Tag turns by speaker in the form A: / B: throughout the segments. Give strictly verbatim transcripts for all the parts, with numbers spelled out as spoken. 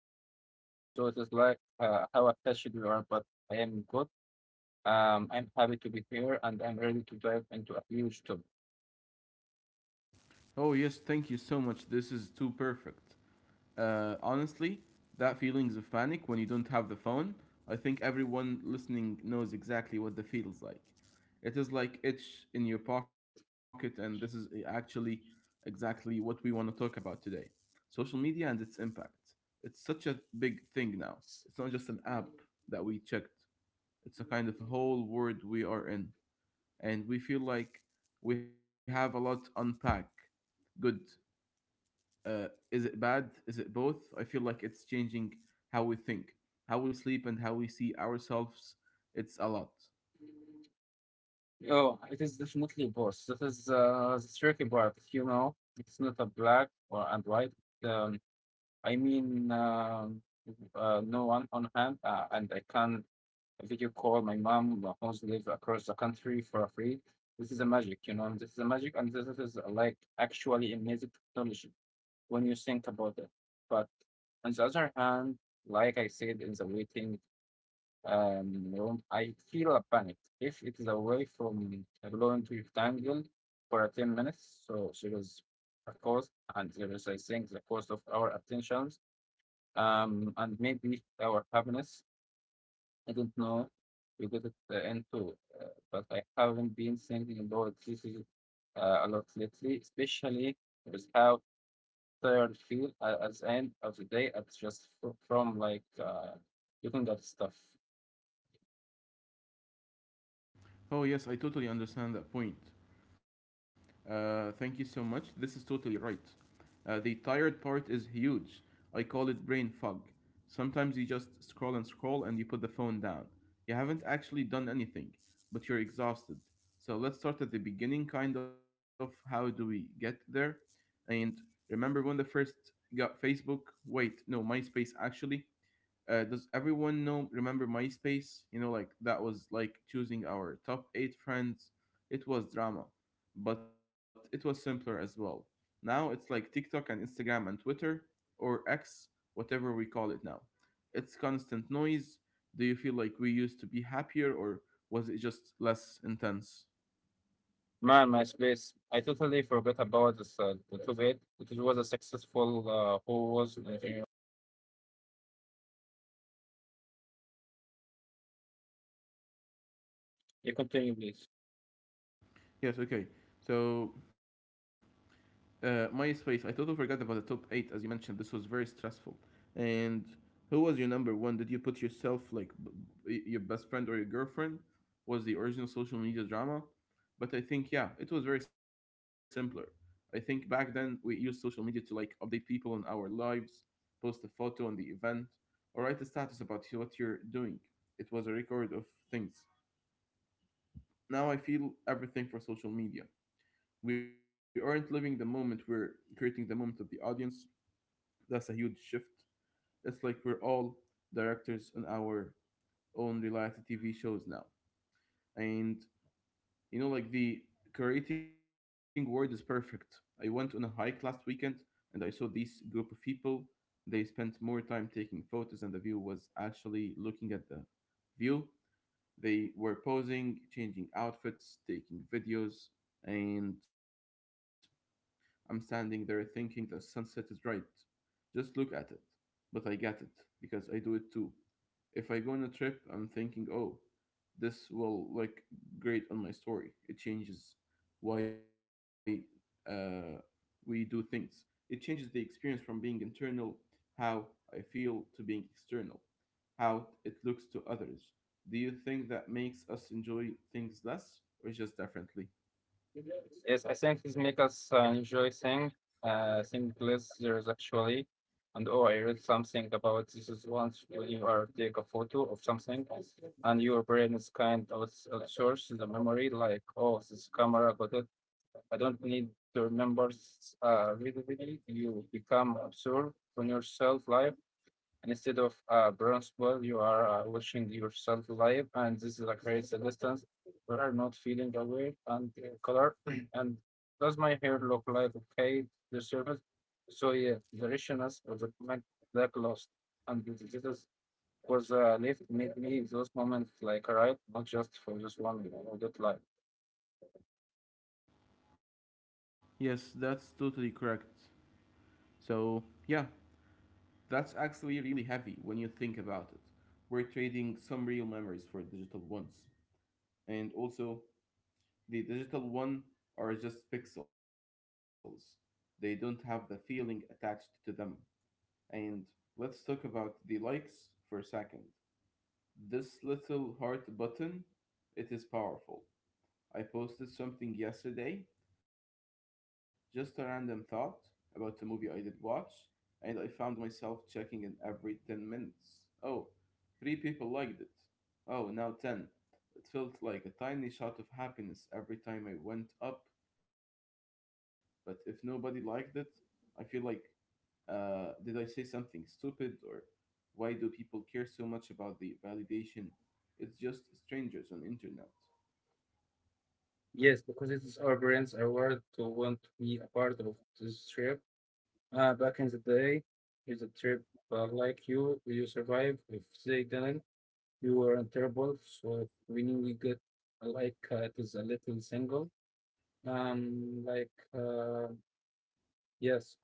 A: Uh, s- so it is like uh, how attached you are, but I am good. Um, I'm happy to be here, and I'm ready to dive into a huge topic.
B: Oh, yes, thank you so much. This is too perfect. Uh, honestly, that feelings of panic when you don't have the phone, I think everyone listening knows exactly what that feels like. It is like itch in your pocket, and this is actually exactly what we want to talk about today. Social media and its impact. It's such a big thing now. It's not just an app that we checked. It's a kind of whole world we are in, and we feel like we have a lot to unpack good, uh, is it bad? Is it both? I feel like it's changing how we think, how we sleep, and how we see ourselves. It's a lot.
A: Oh, it is definitely both. That is uh, the tricky part, you know. It's not a black or and white. Um, I mean, um, uh, no one on hand, uh, and I can a video call. My mom uh, who lives across the country for free. This is a magic, you know. This is a magic, and this is uh, like actually amazing technology when you think about it. But on the other hand, like I said in the waiting um, room, I feel a panic if it is away from a blowing to rectangle for ten minutes. So there is a cost, and there is I think the cost of our attentions um, and maybe our happiness. I don't know you get it uh, into, uh, but I haven't been thinking about this uh, a lot lately, especially with how tired I feel a- at the end of the day. It's just fr- from like uh, looking at stuff.
B: Oh, yes, I totally understand that point. Uh, thank you so much. This is totally right. Uh, the tired part is huge. I call it brain fog. Sometimes you just scroll and scroll and you put the phone down. You haven't actually done anything, but you're exhausted. So let's start at the beginning, kind of how do we get there? And remember when the first got Facebook? Wait, no, MySpace actually. Uh, does everyone know remember MySpace? You know, like that was like choosing our top eight friends. It was drama, but it was simpler as well. Now it's like TikTok and Instagram and Twitter or X, whatever we call it now. It's constant noise. Do you feel like we used to be happier or was it just less intense?
A: Man, my space. I totally forgot about this. Uh, the two bed, which was a successful uh, who was. Uh, you continue, please.
B: Yes, okay. So Uh, MySpace. I totally forgot about the top eight as you mentioned. This was very stressful. And who was your number one? Did you put yourself like b- b- your best friend or your girlfriend? Was the original social media drama? But I think yeah, it was very simpler. I think back then we used social media to like update people on our lives, post a photo on the event, or write a status about what you're doing. It was a record of things. Now I feel everything for social media, we aren't living the moment, we're creating the moment of the audience. That's a huge shift. It's like we're all directors on our own reality TV shows now. And you know, like the creating word is perfect. I went on a hike last weekend, and I saw this group of people. They spent more time taking photos and the view was actually looking at the view. They were posing, changing outfits, taking videos. And I'm standing there thinking the sunset is right. Just look at it. But I get it, because I do it too. If I go on a trip, I'm thinking, oh, this will look great on my story. It changes why uh, we do things. It changes the experience from being internal, how I feel, to being external, how it looks to others. Do you think that makes us enjoy things less or just differently?
A: Yes, I think this makes us uh, enjoy thing, uh, think less there's actually. And oh, I read something about this is once when you are take a photo of something, and your brain is kind of source the memory like, oh, this camera got it. I don't need to remember s- uh, vividly. You become absorbed on your self life. And instead of a bronze ball, you are uh, watching yourself live, and this is like creates a distance. We are not feeling aware and uh, color. And does my hair look like okay? The surface. So yeah, the richness of the comment that lost and this this is was uh, left made me those moments like right, not just for just one you know, that life.
B: Yes, that's totally correct. So, yeah, that's actually really heavy when you think about it. We're trading some real memories for digital ones. And also, the digital one are just pixels, they don't have the feeling attached to them. And let's talk about the likes for a second. This little heart button, it is powerful. I posted something yesterday, just a random thought about a movie I did watch, and I found myself checking in every ten minutes. Oh, three people liked it. Oh, now ten. It felt like a tiny shot of happiness every time I went up, but if nobody liked it, I feel like, uh, did I say something stupid? Or why do people care so much about the validation? It's just strangers on internet.
A: Yes, because it is our brains are wired to want to be a part of this trip. Uh, back in the day, it's a trip. But like you, you survive. If they didn't, you were in trouble. So we we get, uh, like uh, it is a little single. Um, like uh, yes,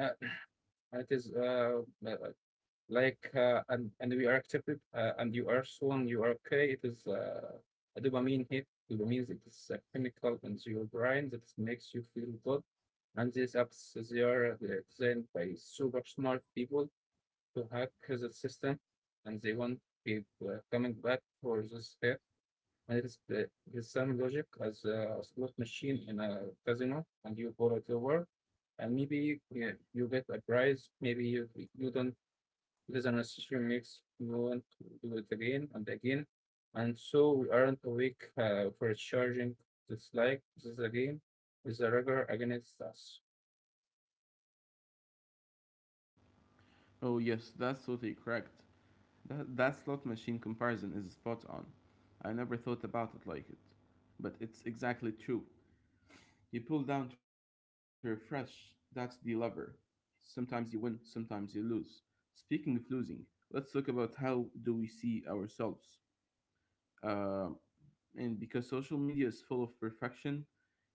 A: uh, it is uh li- like uh, and and we are accepted uh, and you are strong. You are okay. It is uh, a dopamine hit. Dopamine it is a chemical in your brain that makes you feel good. And these apps, they are designed by super smart people to hack his system, and they will want people coming back for this step. And it's the, the same logic as a slot machine in a casino, and you pull it over, and maybe yeah, you get a prize. Maybe you you don't. It is an association makes you want to do it again and again, and so we aren't awake uh, for charging. It's like this is a game is a rigor against us.
B: Oh yes, that's totally correct. That, that slot machine comparison is spot on. I never thought about it like it. But it's exactly true. You pull down to refresh, that's the lever. Sometimes you win, sometimes you lose. Speaking of losing, let's talk about how do we see ourselves. Uh, and because social media is full of perfection,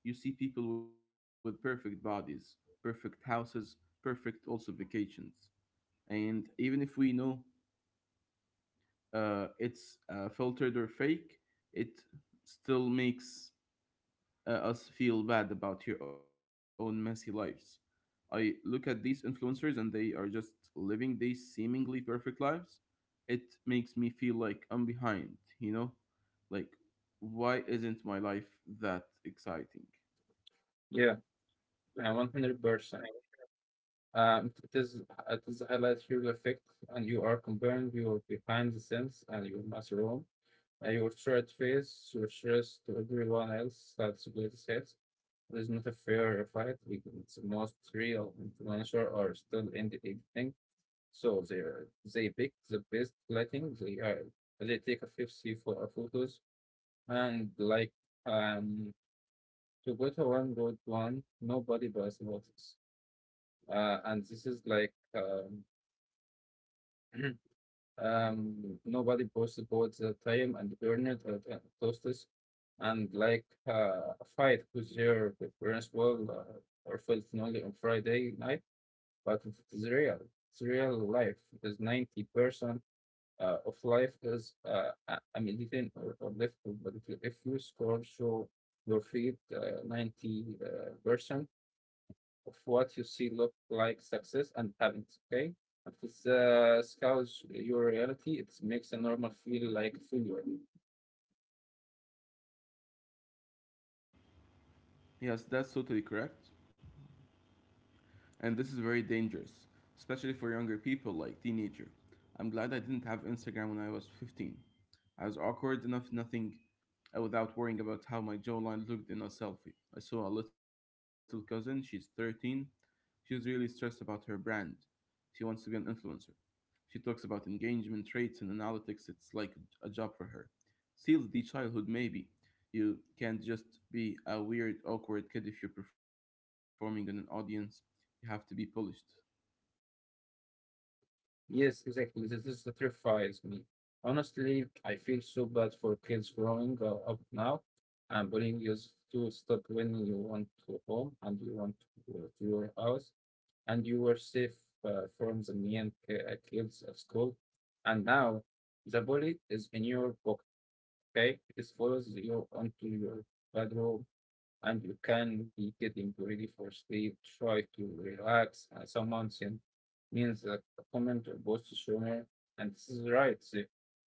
B: you see people with perfect bodies, perfect houses, perfect also vacations. And even if we know uh, it's uh, filtered or fake, it still makes uh, us feel bad about your own messy lives. I look at these influencers and they are just living these seemingly perfect lives. It makes me feel like I'm behind, you know? Like, why isn't my life that exciting?
A: Yeah, uh, one hundred percent. Um, it is it is highlight real effect, and you are comparing your behind the scenes and your mushroom and your straight face, your stress to everyone else. That's greatest hits. It's not a fair fight, because most real influencer are still in the editing, so they are- they pick the best lighting. They are they take a fifty for photos and like um to go to one good one. Nobody buys watches. Uh, and this is like um. Um, nobody posted both the time and burned at uh, toasters and like uh, a fight with your principal uh, or felt lonely on Friday night, but it's real. It's real life because ninety percent uh, of life is uh, a- a meeting or, or left, but if you if you score, show your feet uh, ninety percent of what you see look like success and happiness, okay? If it uh, scales your reality, it makes a normal feel like failure.
B: Yes, that's totally correct. And this is very dangerous, especially for younger people like teenager. I'm glad I didn't have Instagram when I was fifteen. I was awkward enough nothing uh, without worrying about how my jawline looked in a selfie. I saw a little cousin, she's thirteen. She was really stressed about her brand. She wants to be an influencer. She talks about engagement rates and analytics. It's like a job for her. Seals the childhood, maybe. You can't just be a weird, awkward kid if you're performing in an audience. You have to be polished.
A: Yes, exactly. This is what terrifies me. Honestly, I feel so bad for kids growing uh, up now. And bullying used to stop when you want to home and you want to go to your house and you were safe uh, from the mean ki- uh, kids at school. And now the bully is in your pocket. Okay, it follows you onto your bedroom, and you can be getting ready for sleep. Try to relax. Uh, someone sent means a comment or post sooner, and this is right. so,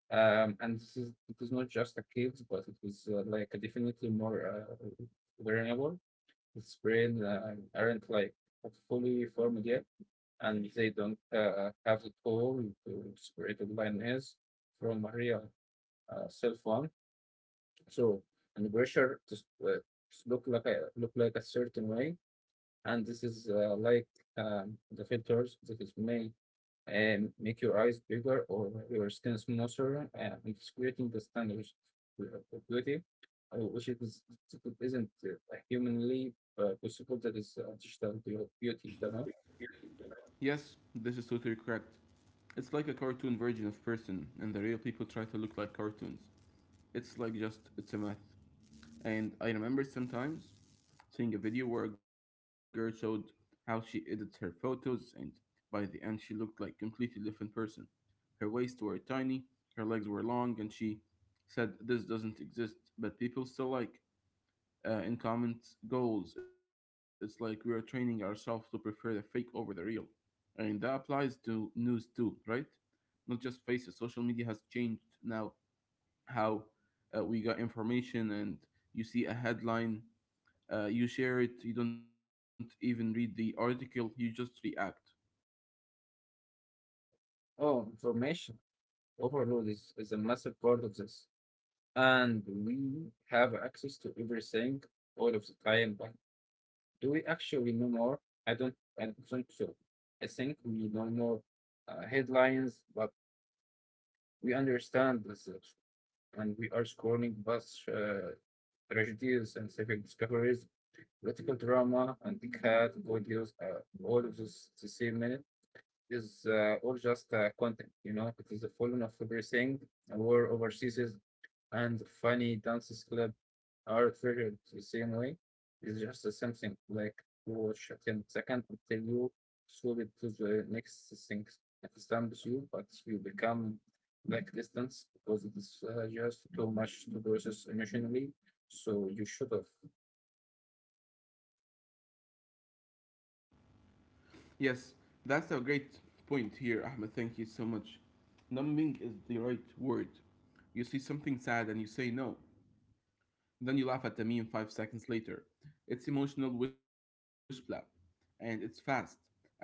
A: Um, And this is it is not just a kids, but it was uh, like a definitely more uh, vulnerable. Its brain uh, aren't like fully formed yet, and they don't uh, have the tool to separate the line is from a real uh, cell phone so, and the pressure to s- uh, s- look like a look like a certain way, and this is uh, like um, the filters that is may um, make your eyes bigger or your skin smoother, uh, and it's creating the standards of of beauty, uh, which is is isn't uh, humanly uh, possible. That is uh, digital beau- beauty, you know.
B: Yes, this is totally correct. It's like a cartoon version of person, and the real people try to look like cartoons. It's like just, it's a myth. And I remember sometimes seeing a video where a girl showed how she edits her photos, and by the end, she looked like completely different person. Her waist were tiny, her legs were long, and she said this doesn't exist, but people still like uh, in common goals. It's like we are training ourselves to prefer the fake over the real. And that applies to news too, right? Not just faces. Social media has changed now how uh, we got information. And you see a headline, uh, you share it, you don't even read the article, you just react.
A: Oh, information overload is, is a massive part of this, and we have access to everything all of the time, but do we actually know more? I don't, I don't think so. I think we know more uh, headlines, but we understand this, uh, and we are scorning past uh, tragedies and civic discoveries, political drama, and the cat videos. Uh, all of this, the same minute is uh, all just uh, content. You know, it is a fallen of everything. A war overseas and funny dances clip are treated the same way. It's just something like you watch it in second until you swap it to the next thing that stamps you, but you become like distance because it is uh, just too much to process emotionally. So you should have.
B: Yes, that's a great point here, Ahmed. Thank you so much. Numbing is the right word. You see something sad and you say no. Then you laugh at the meme five seconds later. It's emotional wish blab, and it's fast. Everything so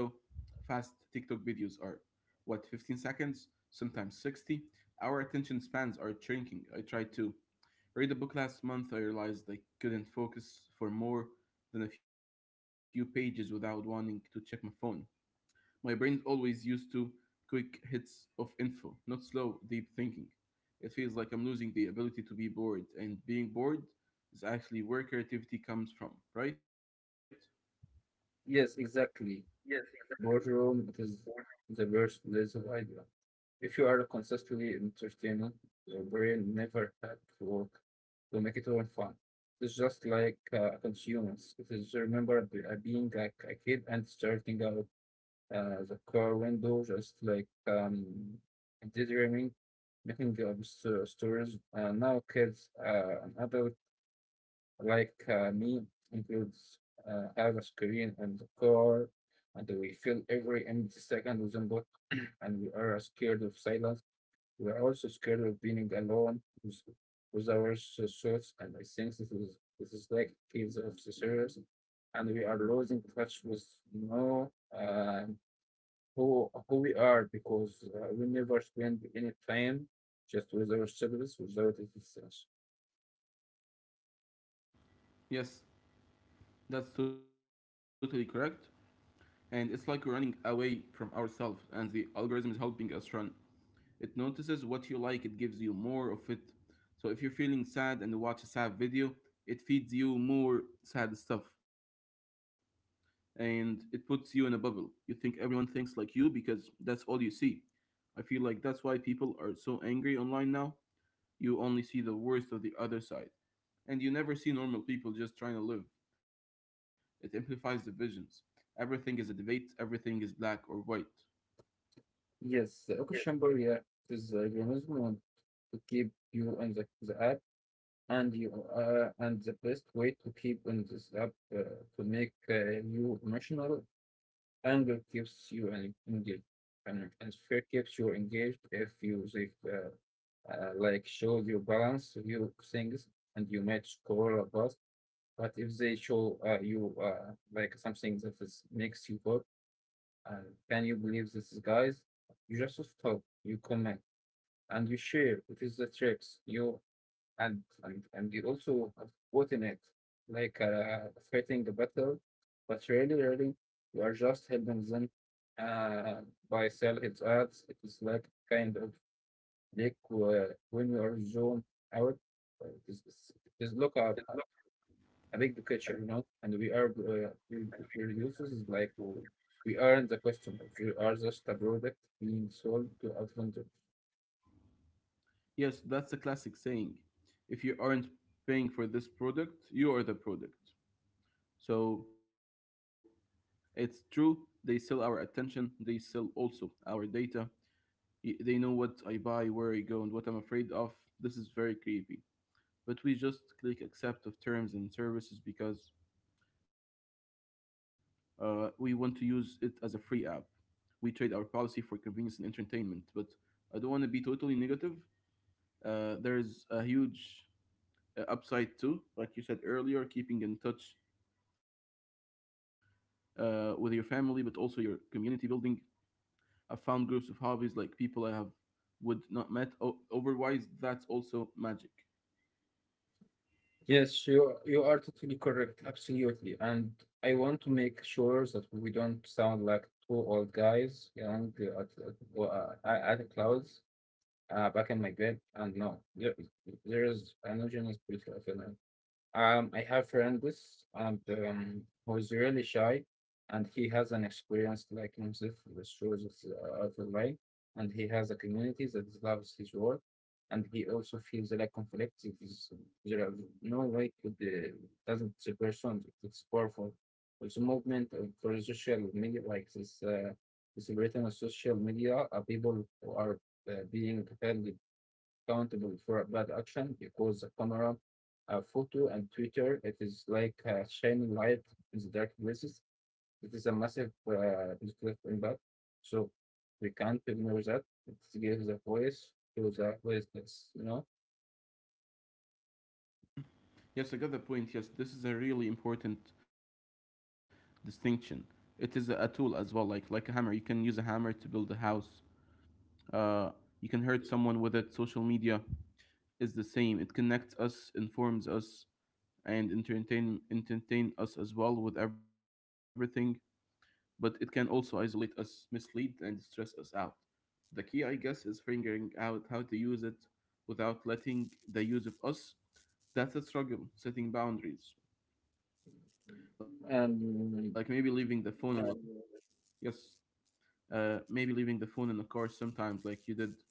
B: fast. TikTok videos are. What, fifteen seconds? Sometimes sixty? Our attention spans are shrinking. I tried to read a book last month. I realized I couldn't focus for more than a few pages without wanting to check my phone. My brain's always used to quick hits of info, not slow, deep thinking. It feels like I'm losing the ability to be bored, and being bored is actually where creativity comes from, right?
A: Yes,
B: Yes,
A: exactly.
B: exactly.
A: Boardroom it is the worst place of idea. If you are consistently entertained, your brain never had to work to make it all fun. It's just like uh, consumers. It is remember be- uh, being like a kid and starting out uh, the car window, just like um, daydreaming, making up s- uh, stories. Uh, now kids, uh, an adult like uh, me includes uh, have a screen and the car, and we fill every empty second with input, and we are scared of silence. We are also scared of being alone with, with our s- thoughts, and I think this is this is like kids of the series, and we are losing touch with know um, who who we are because uh, we never spend any time just with ourselves without existence.
B: Yes, that's totally correct. And it's like we're running away from ourselves, and the algorithm is helping us run. It notices what you like, it gives you more of it. So if you're feeling sad and watch a sad video, it feeds you more sad stuff. And it puts you in a bubble. You think everyone thinks like you because that's all you see. I feel like that's why people are so angry online now. You only see the worst of the other side, and you never see normal people just trying to live. It amplifies divisions. Everything is a debate, everything is black or white.
A: Yes, the
B: Yes.
A: echo chamber, yeah, it is a mechanism want to keep you on the, the app, and you uh, and the best way to keep on this app uh, to make uh, you emotional. Anger keeps you en- engaged, and, and fear keeps you engaged if you if, uh, uh, like show you balance you things and you match score of us. But if they show uh, you uh, like something that is, makes you go, uh, can you believe this is guys? You just stop. You comment and you share. It is the tricks. You and and and you also have both in it, like uh, fighting a battle, but really, really, you are just helping them uh, by sell its ads. It is like kind of like uh, when you are zone out, uh, it is it's- it is look at a a big picture, you know, and we are uh, we, we users is like uh, we aren't the customers, we are just a product being sold to a vendor.
B: Yes, that's a classic saying. If you aren't paying for this product, you are the product. So it's true, they sell our attention, they sell also our data. They know what I buy, where I go, and what I'm afraid of. This is very creepy. But we just click accept of terms and services because uh, we want to use it as a free app. We trade our policy for convenience and entertainment. But I don't want to be totally negative. Uh, there is a huge uh, upside too, like you said earlier, keeping in touch uh, with your family, but also your community building. I found groups of hobbies like people I have would not met. O- otherwise, that's also magic.
A: Yes, you are- you are totally correct, absolutely. And I want to make sure that we don't sound like two old guys young uh, at, at, uh, at at the clouds uh, back in my bed. And no, there, there is an homogeneous beauty of between um, I have friend this and um, who's really shy, and he has an experience like himself with shows of uh, of online, and he has a community that loves his work, and he also feels like conflict. It is, there are no way could uh, doesn't the person it's powerful. It's the movement of for the social media like this, uh, this written on social media, uh, people who are uh, being offended accountable for a bad action because the camera, a photo, and Twitter, it is like a shining light in the dark places. It is a massive uh, positive impact. So we can't ignore that. It gives a voice to the voiceless, you know?
B: Yes, I got the point. Yes, this is a really important distinction. It is a tool as well, like like a hammer. You can use a hammer to build a house. Uh, you can hurt someone with it. Social media is the same. It connects us, informs us, and entertain entertain us as well with everything. But it can also isolate us, mislead, and stress us out. The key, I guess, is figuring out how to use it without letting the use of us. That's a struggle, setting boundaries. Like maybe leaving the phone
A: And
B: on. Yes. Uh, maybe leaving the phone in the car sometimes, like you did,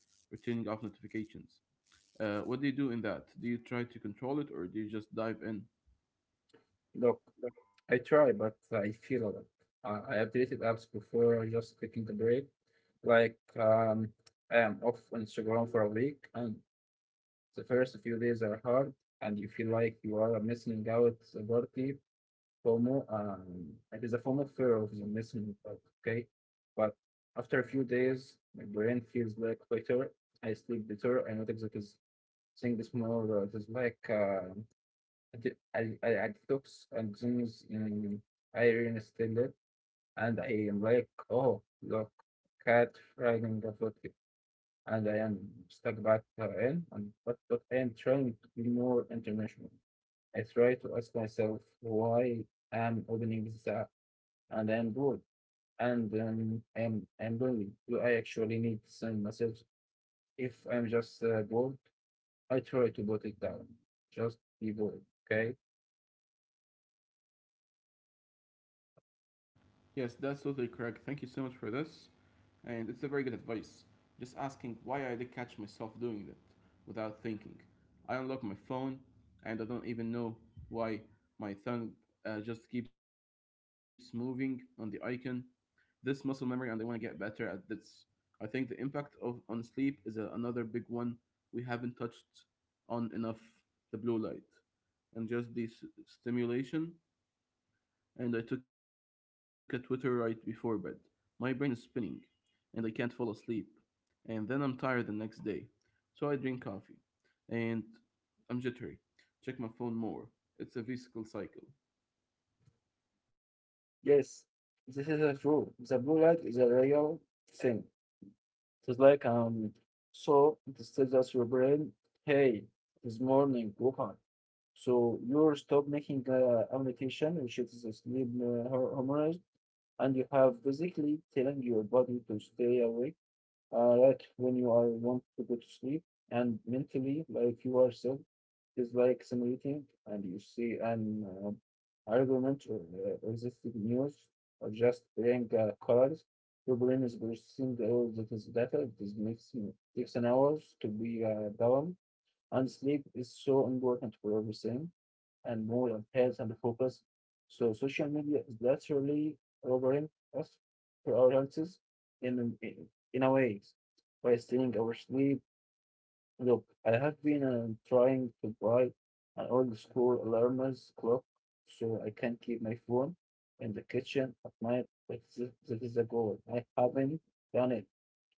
B: or turning off notifications. Uh, what do you do in that? Do you try to control it or do you just dive in?
A: look, I try, but I feel a lot. I I have deleted apps before just taking a break. Like, um, I am off Instagram for a week and the first few days are hard, and you feel like you are missing out a party. FOMO, um, it is a FOMO fear of the missing out, okay? But after a few days, my brain feels like better. I sleep better. I notice that is things more. Uh, it is like uh, I, di- I, I I detox and things. Um, I reinstall it, and I am like, oh, look, cat riding a foot and I am stuck back in, and, but, but I am trying to be more international. I try to ask myself why I'm opening this app and I am bored and um, I'm, I'm lonely. Do I actually need to send message? If I'm just uh, bored, I try to put it down. Just be bored, okay?
B: Yes, that's totally correct. Thank you so much for this. And it's a very good advice. Just asking why. I did catch myself doing that without thinking. I unlock my phone and I don't even know why my thumb uh, just keeps moving on the icon. This muscle memory, and I want to get better at this. I think the impact of on sleep is a, another big one we haven't touched on enough. The blue light and just this stimulation. And I took a Twitter right before bed. My brain is spinning and I can't fall asleep. And then I'm tired the next day. So I drink coffee and I'm jittery. Check my phone more. It's a vicious cycle.
A: Yes, this is a true. The blue light is a real thing. It's like um, so it tells us your brain, hey, it's morning, go on. So you stop making uh, amnication, which is a sleep uh, hor- hormones, and you have basically telling your body to stay awake, uh, like when you are want to go to sleep, and mentally, like you are self is like simulating, and you see an uh, argument or uh, existing news, or just playing uh, cards. Your brain is processing all that is data. It is makes takes an hours to be uh, down and sleep is so important for everything and more and health and focus. So social media is literally robbing us for our answers in in, in a way by stealing our sleep. Look, I have been um, trying to buy an old school alarmist clock so I can keep my phone in the kitchen at night. But this, this is a goal. I haven't done it.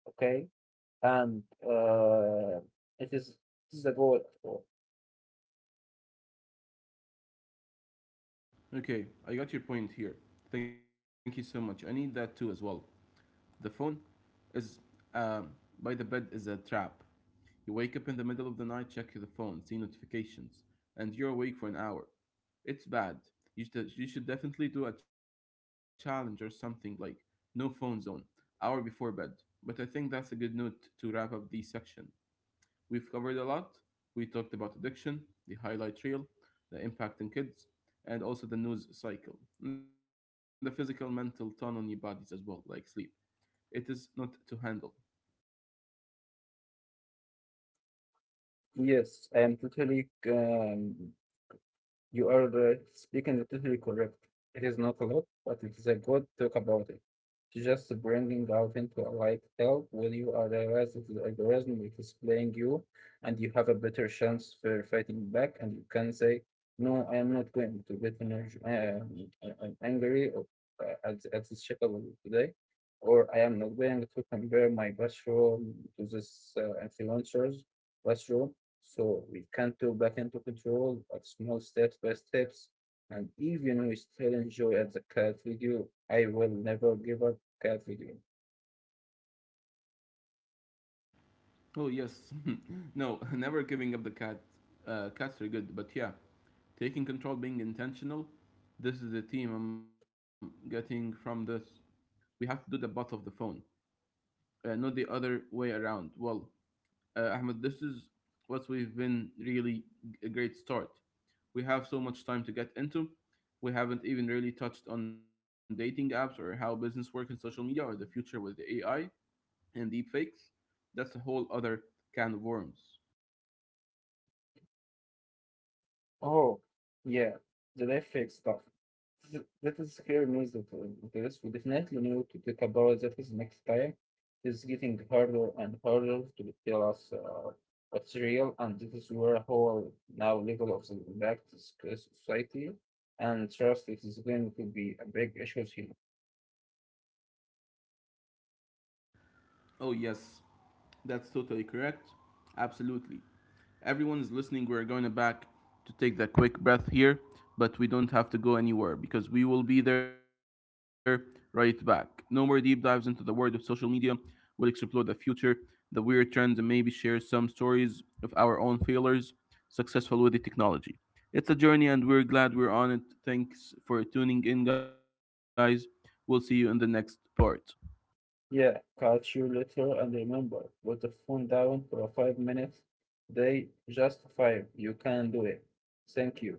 A: Okay, and uh, it is this is a goal.
B: Okay, I got your point here. Thank you so much. I need that too as well. The phone is uh, by the bed is a trap. You wake up in the middle of the night, check the phone, see notifications, and you're awake for an hour. It's bad. You should, you should definitely do a challenge or something like no phone zone, hour before bed. But I think that's a good note to wrap up the section. We've covered a lot. We talked about addiction, the highlight reel, the impact on kids, and also the news cycle, and the physical mental ton on your bodies as well, like sleep. It is not to handle.
A: Yes, I am totally, um, you are uh, speaking totally correct. It is not a lot, but it is a good talk about it. To just bringing out into a light help when you are realize that the algorithm it is playing you and you have a better chance for fighting back and you can say, no, I am not going to get energy, uh, I- I'm angry or, uh, at, at this shit today, or I am not going to compare my bathroom to this uh, influencers bathroom so we can't go back into control, but small steps by steps. And even we still enjoy at the cat video, I will never give up cat video.
B: Oh yes, no, never giving up the cat. Uh, cats are good, but yeah, taking control, being intentional. This is the team I'm getting from this. We have to do the both of the phone, uh, not the other way around. Well, uh, Ahmed, this is what we've been really a great start. We have so much time to get into. We haven't even really touched on dating apps or how business work in social media or the future with the A I and deepfakes, that's a whole other can of worms.
A: Oh, yeah, the Netflix stuff. Th- That is scary news that uh, this we definitely need to talk about that is next time. It's getting harder and harder to tell us uh, what's real, and this is where whole now level of the back to society and trust is going to be a big issue here.
B: Oh, yes, that's totally correct. Absolutely. Everyone is listening. We're going to back to take the quick breath here, but we don't have to go anywhere because we will be there right back. No more deep dives into the world of social media. We'll explore the future, the weird trends, and maybe share some stories of our own failures successful with the technology. It's a journey, and we're glad we're on it. Thanks for tuning in, guys. We'll see you in the next part.
A: Yeah, catch you later and remember, put the phone down for five minutes. They just five. You can do it. Thank you.